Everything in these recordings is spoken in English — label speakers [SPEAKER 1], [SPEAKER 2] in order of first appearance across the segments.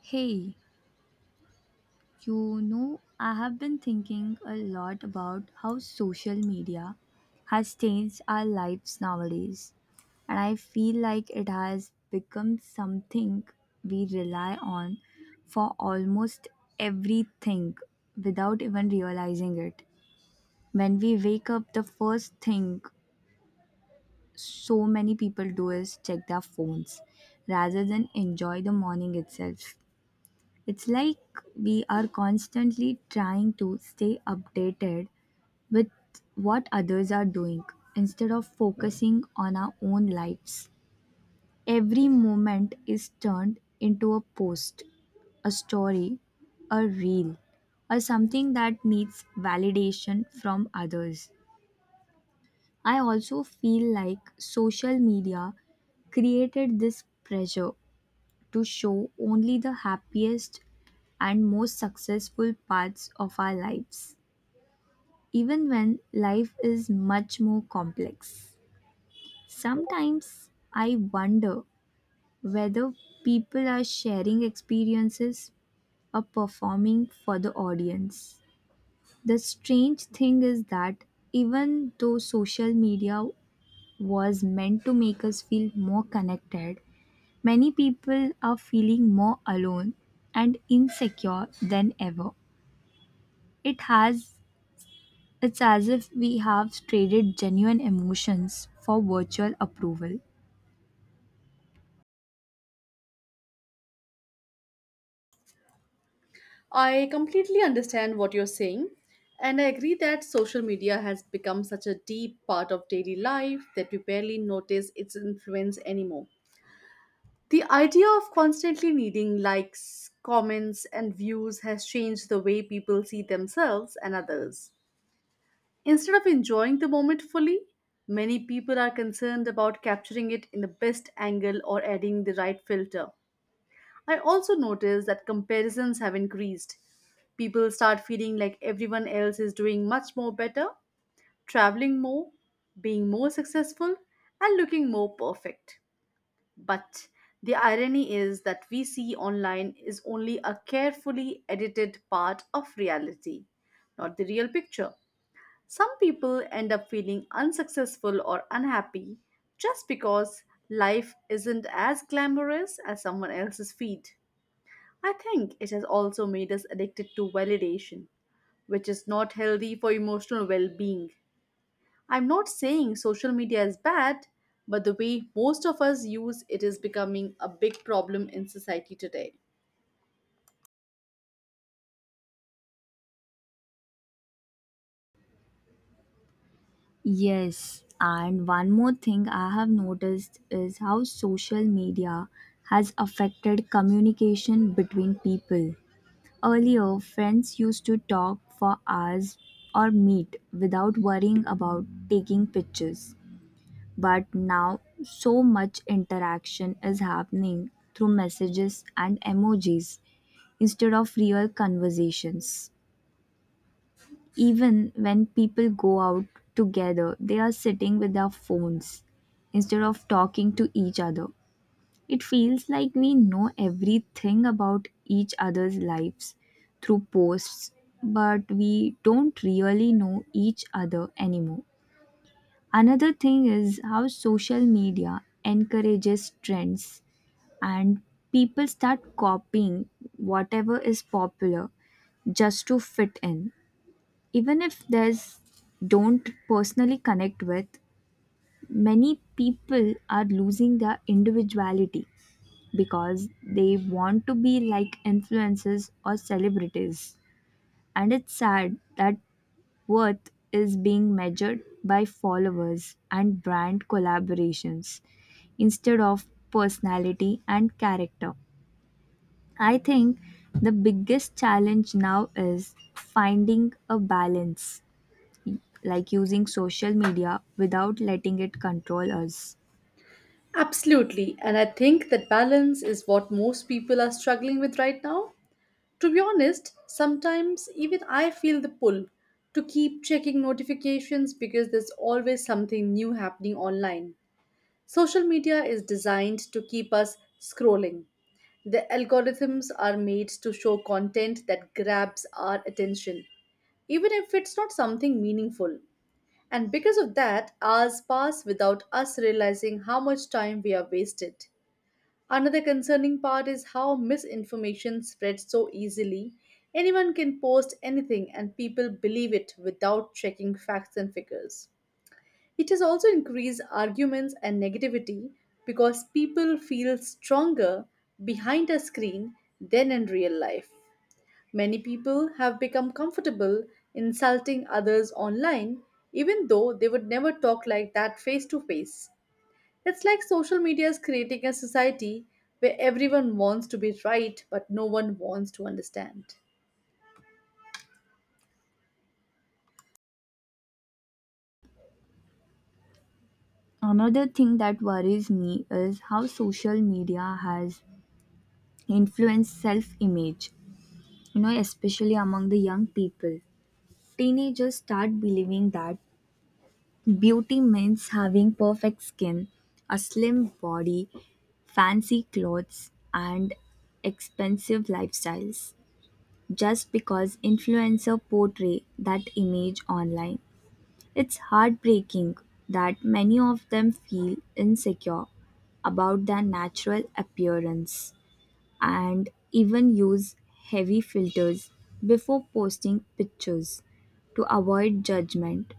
[SPEAKER 1] Hey, I have been thinking a lot about how social media has changed our lives nowadays, and I feel like it has become something we rely on for almost everything without even realizing it. When we wake up, the first thing so many people do is check their phones rather than enjoy the morning itself. It's like we are constantly trying to stay updated with what others are doing instead of focusing on our own lives. Every moment is turned into a post, a story, a reel, or something that needs validation from others. I also feel like social media created this pressure to show only the happiest and most successful parts of our lives, even when life is much more complex. Sometimes I wonder whether people are sharing experiences or performing for the audience. The strange thing is that even though social media was meant to make us feel more connected, many people are feeling more alone and insecure than ever. It has it's as if we have traded genuine emotions for virtual approval.
[SPEAKER 2] I completely understand what you're saying, and I agree that social media has become such a deep part of daily life that we barely notice its influence anymore. The idea of constantly needing likes, comments, and views has changed the way people see themselves and others. Instead of enjoying the moment fully, many people are concerned about capturing it in the best angle or adding the right filter. I also noticed that comparisons have increased. People start feeling like everyone else is doing much more better, traveling more, being more successful, and looking more perfect. But the irony is that we see online is only a carefully edited part of reality, not the real picture. Some people end up feeling unsuccessful or unhappy just because life isn't as glamorous as someone else's feed. I think it has also made us addicted to validation, which is not healthy for emotional well being. I'm not saying social media is bad, but the way most of us use it is becoming a big problem in society today.
[SPEAKER 1] Yes, and one more thing I have noticed is how social media has affected communication between people. Earlier, friends used to talk for hours or meet without worrying about taking pictures. But now so much interaction is happening through messages and emojis instead of real conversations. Even when people go out together, they are sitting with their phones instead of talking to each other. It feels like we know everything about each other's lives through posts, but we don't really know each other anymore. Another thing is how social media encourages trends and people start copying whatever is popular just to fit in. Even if there's don't personally connect with, many people are losing their individuality because they want to be like influencers or celebrities. And it's sad that worth is being measured by followers and brand collaborations instead of personality and character. I think the biggest challenge now is finding a balance, like using social media without letting it control us.
[SPEAKER 2] Absolutely, and I think that balance is what most people are struggling with right now. To be honest, sometimes even I feel the pull to keep checking notifications because there's always something new happening online. Social media is designed to keep us scrolling. The algorithms are made to show content that grabs our attention, even if it's not something meaningful. And because of that, hours pass without us realizing how much time we have wasted. Another concerning part is how misinformation spreads so easily. Anyone can post anything and people believe it without checking facts and figures. It has also increased arguments and negativity because people feel stronger behind a screen than in real life. Many people have become comfortable insulting others online, even though they would never talk like that face to face. It's like social media is creating a society where everyone wants to be right, but no one wants to understand.
[SPEAKER 1] Another thing that worries me is how social media has influenced self image, especially among the young people. Teenagers start believing that beauty means having perfect skin, a slim body, fancy clothes, and expensive lifestyles. Just because influencers portray that image online, it's heartbreaking that many of them feel insecure about their natural appearance and even use heavy filters before posting pictures to avoid judgment.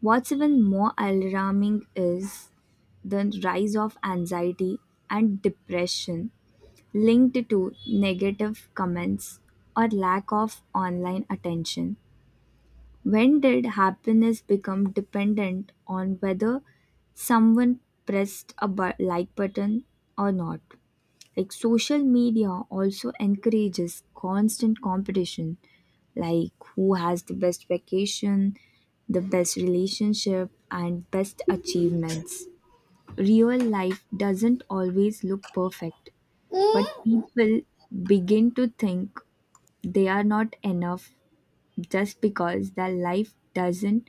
[SPEAKER 1] What's even more alarming is the rise of anxiety and depression linked to negative comments or lack of online attention. When did happiness become dependent on whether someone pressed a like button or not? Like social media also encourages constant competition, like who has the best vacation, the best relationship, and best achievements. Real life doesn't always look perfect, but people begin to think they are not enough just because their life doesn't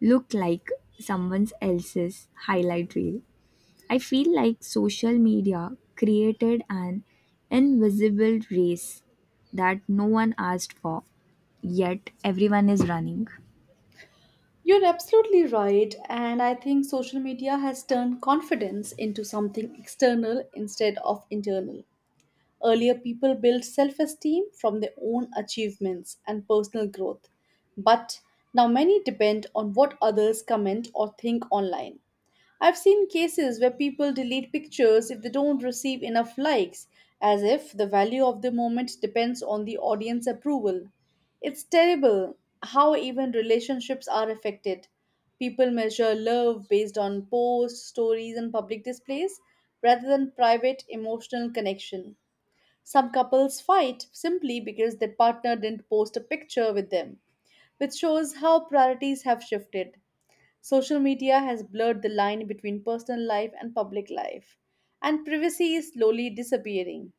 [SPEAKER 1] look like someone else's highlight reel. I feel like social media created an invisible race that no one asked for, yet everyone is running.
[SPEAKER 2] You're absolutely right, and I think social media has turned confidence into something external instead of internal. Earlier, people built self esteem from their own achievements and personal growth, but now many depend on what others comment or think online. I've seen cases where people delete pictures if they don't receive enough likes, as if the value of the moment depends on the audience approval. It's terrible how even relationships are affected. People measure love based on posts, stories, and public displays rather than private emotional connection. Some couples fight simply because their partner didn't post a picture with them, which shows how priorities have shifted. Social media has blurred the line between personal life and public life, and privacy is slowly disappearing.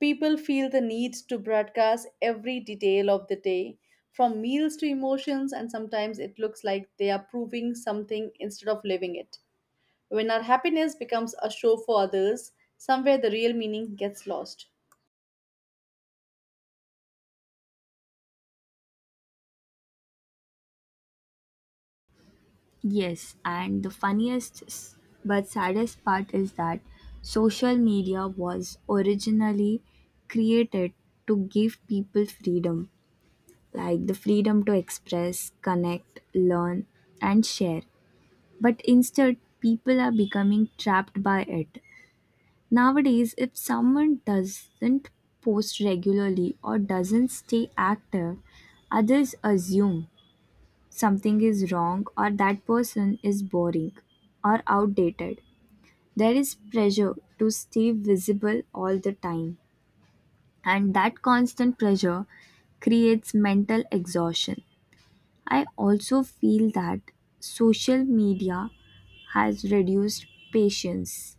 [SPEAKER 2] People feel the need to broadcast every detail of the day, from meals to emotions, and sometimes it looks like they are proving something instead of living it. When our happiness becomes a show for others, somewhere the real meaning gets lost.
[SPEAKER 1] Yes, and the but saddest part is that social media was originally created to give people freedom, like the freedom to express, connect, learn, and share. But instead, people are becoming trapped by it. Nowadays, if someone doesn't post regularly or doesn't stay active, others assume something is wrong or that person is boring or outdated. There is pressure to stay visible all the time, and that constant pressure creates mental exhaustion. I also feel that social media has reduced patience.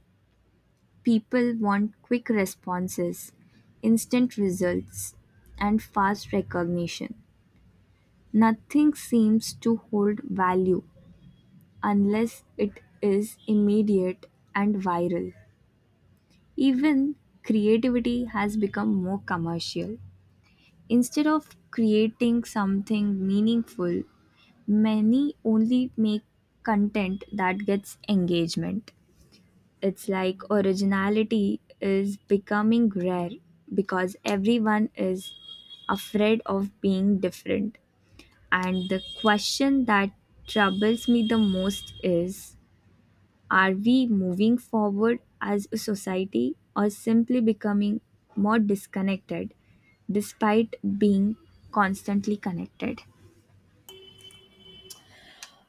[SPEAKER 1] People want quick responses, instant results, and fast recognition. Nothing seems to hold value unless it is immediate and viral. Even creativity has become more commercial. Instead of creating something meaningful, many only make content that gets engagement. It's like originality is becoming rare because everyone is afraid of being different. And the question that troubles me the most is, are we moving forward as a society or simply becoming more disconnected despite being constantly connected?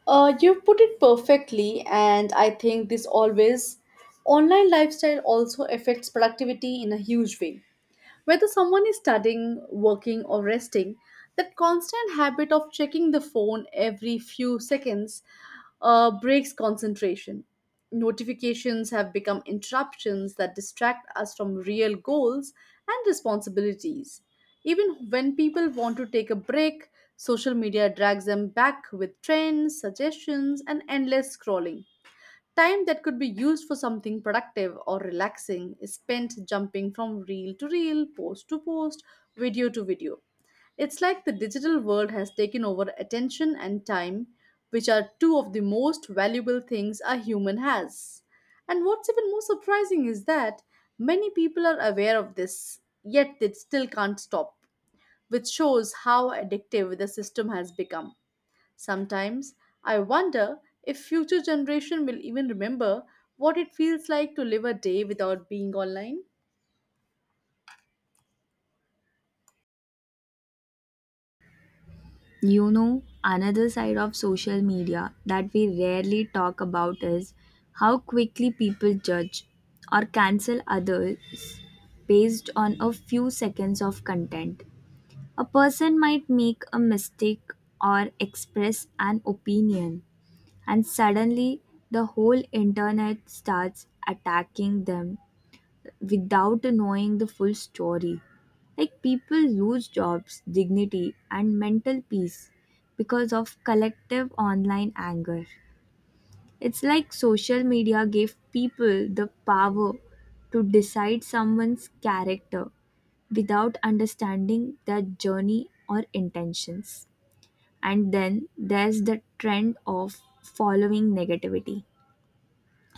[SPEAKER 2] You put it perfectly, and I think this always online lifestyle also affects productivity in a huge way. Whether someone is studying, working, or resting, that constant habit of checking the phone every few seconds breaks concentration. Notifications have become interruptions that distract us from real goals and responsibilities. Even when people want to take a break, social media drags them back with trends, suggestions, and endless scrolling. Time that could be used for something productive or relaxing is spent jumping from reel to reel, post to post, video to video. It's like the digital world has taken over attention and time, which are two of the most valuable things a human has. And what's even more surprising is that many people are aware of this, yet they still can't stop, which shows how addictive the system has become. Sometimes I wonder if future generation will even remember what it feels like to live a day without being online.
[SPEAKER 1] You know, another side of social media that we rarely talk about is how quickly people judge or cancel others based on a few seconds of content. A person might make a mistake or express an opinion, and suddenly the whole internet starts attacking them without knowing the full story. Like people lose jobs, dignity, and mental peace because of collective online anger. It's like social media gave people the power to decide someone's character without understanding their journey or intentions. And then there's the trend of following negativity,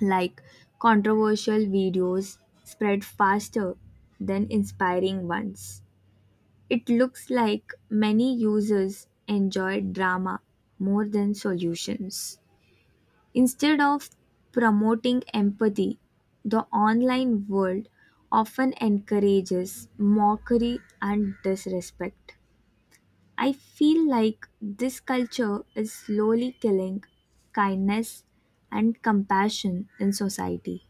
[SPEAKER 1] like controversial videos spread faster than inspiring ones. It looks like many users enjoy drama more than solutions. Instead of promoting empathy, the online world often encourages mockery and disrespect. I feel like this culture is slowly killing kindness and compassion in society.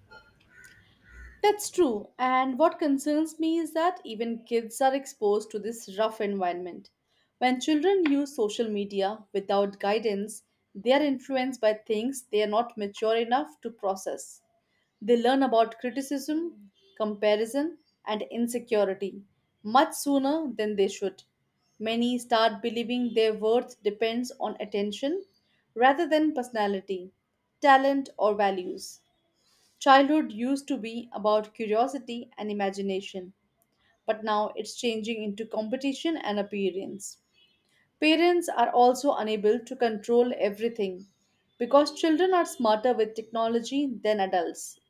[SPEAKER 2] That's true, and what concerns me is that even kids are exposed to this rough environment. When children use social media without guidance, they are influenced by things they are not mature enough to process. They learn about criticism, comparison, and insecurity much sooner than they should. Many start believing their worth depends on attention rather than personality, talent, or values. Childhood used to be about curiosity and imagination, but now it's changing into competition and appearance. Parents are also unable to control everything because children are smarter with technology than adults.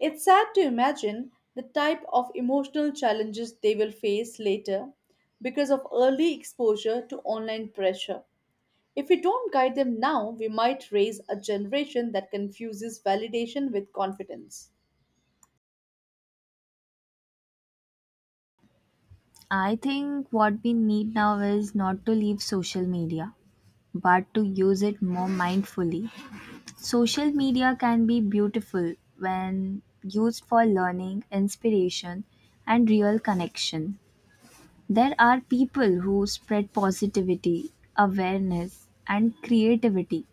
[SPEAKER 2] It's sad to imagine the type of emotional challenges they will face later because of early exposure to online pressure. If we don't guide them now, we might raise a generation that confuses validation with confidence.
[SPEAKER 1] I think what we need now is not to leave social media, but to use it more mindfully. Social media can be beautiful when used for learning, inspiration, and real connection. There are people who spread positivity, awareness, and creativity,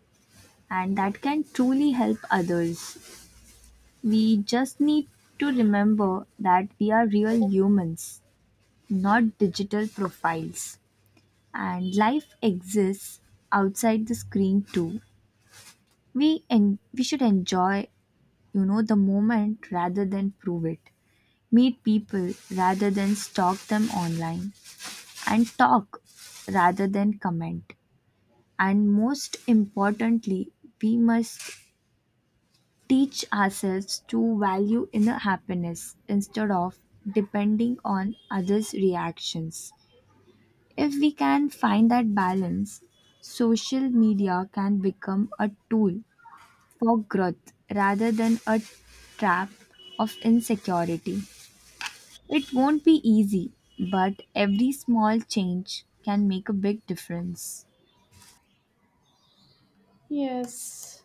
[SPEAKER 1] and that can truly help others. We just need to remember that we are real humans, not digital profiles, and life exists outside the screen too. We en we should enjoy the moment rather than prove it, meet people rather than stalk them online, and talk rather than comment. And most importantly, we must teach ourselves to value inner happiness instead of depending on others reactions. If we can find that balance, social media can become a tool for growth rather than a trap of insecurity. It won't be easy, but every small change can make a big difference.
[SPEAKER 2] Yes.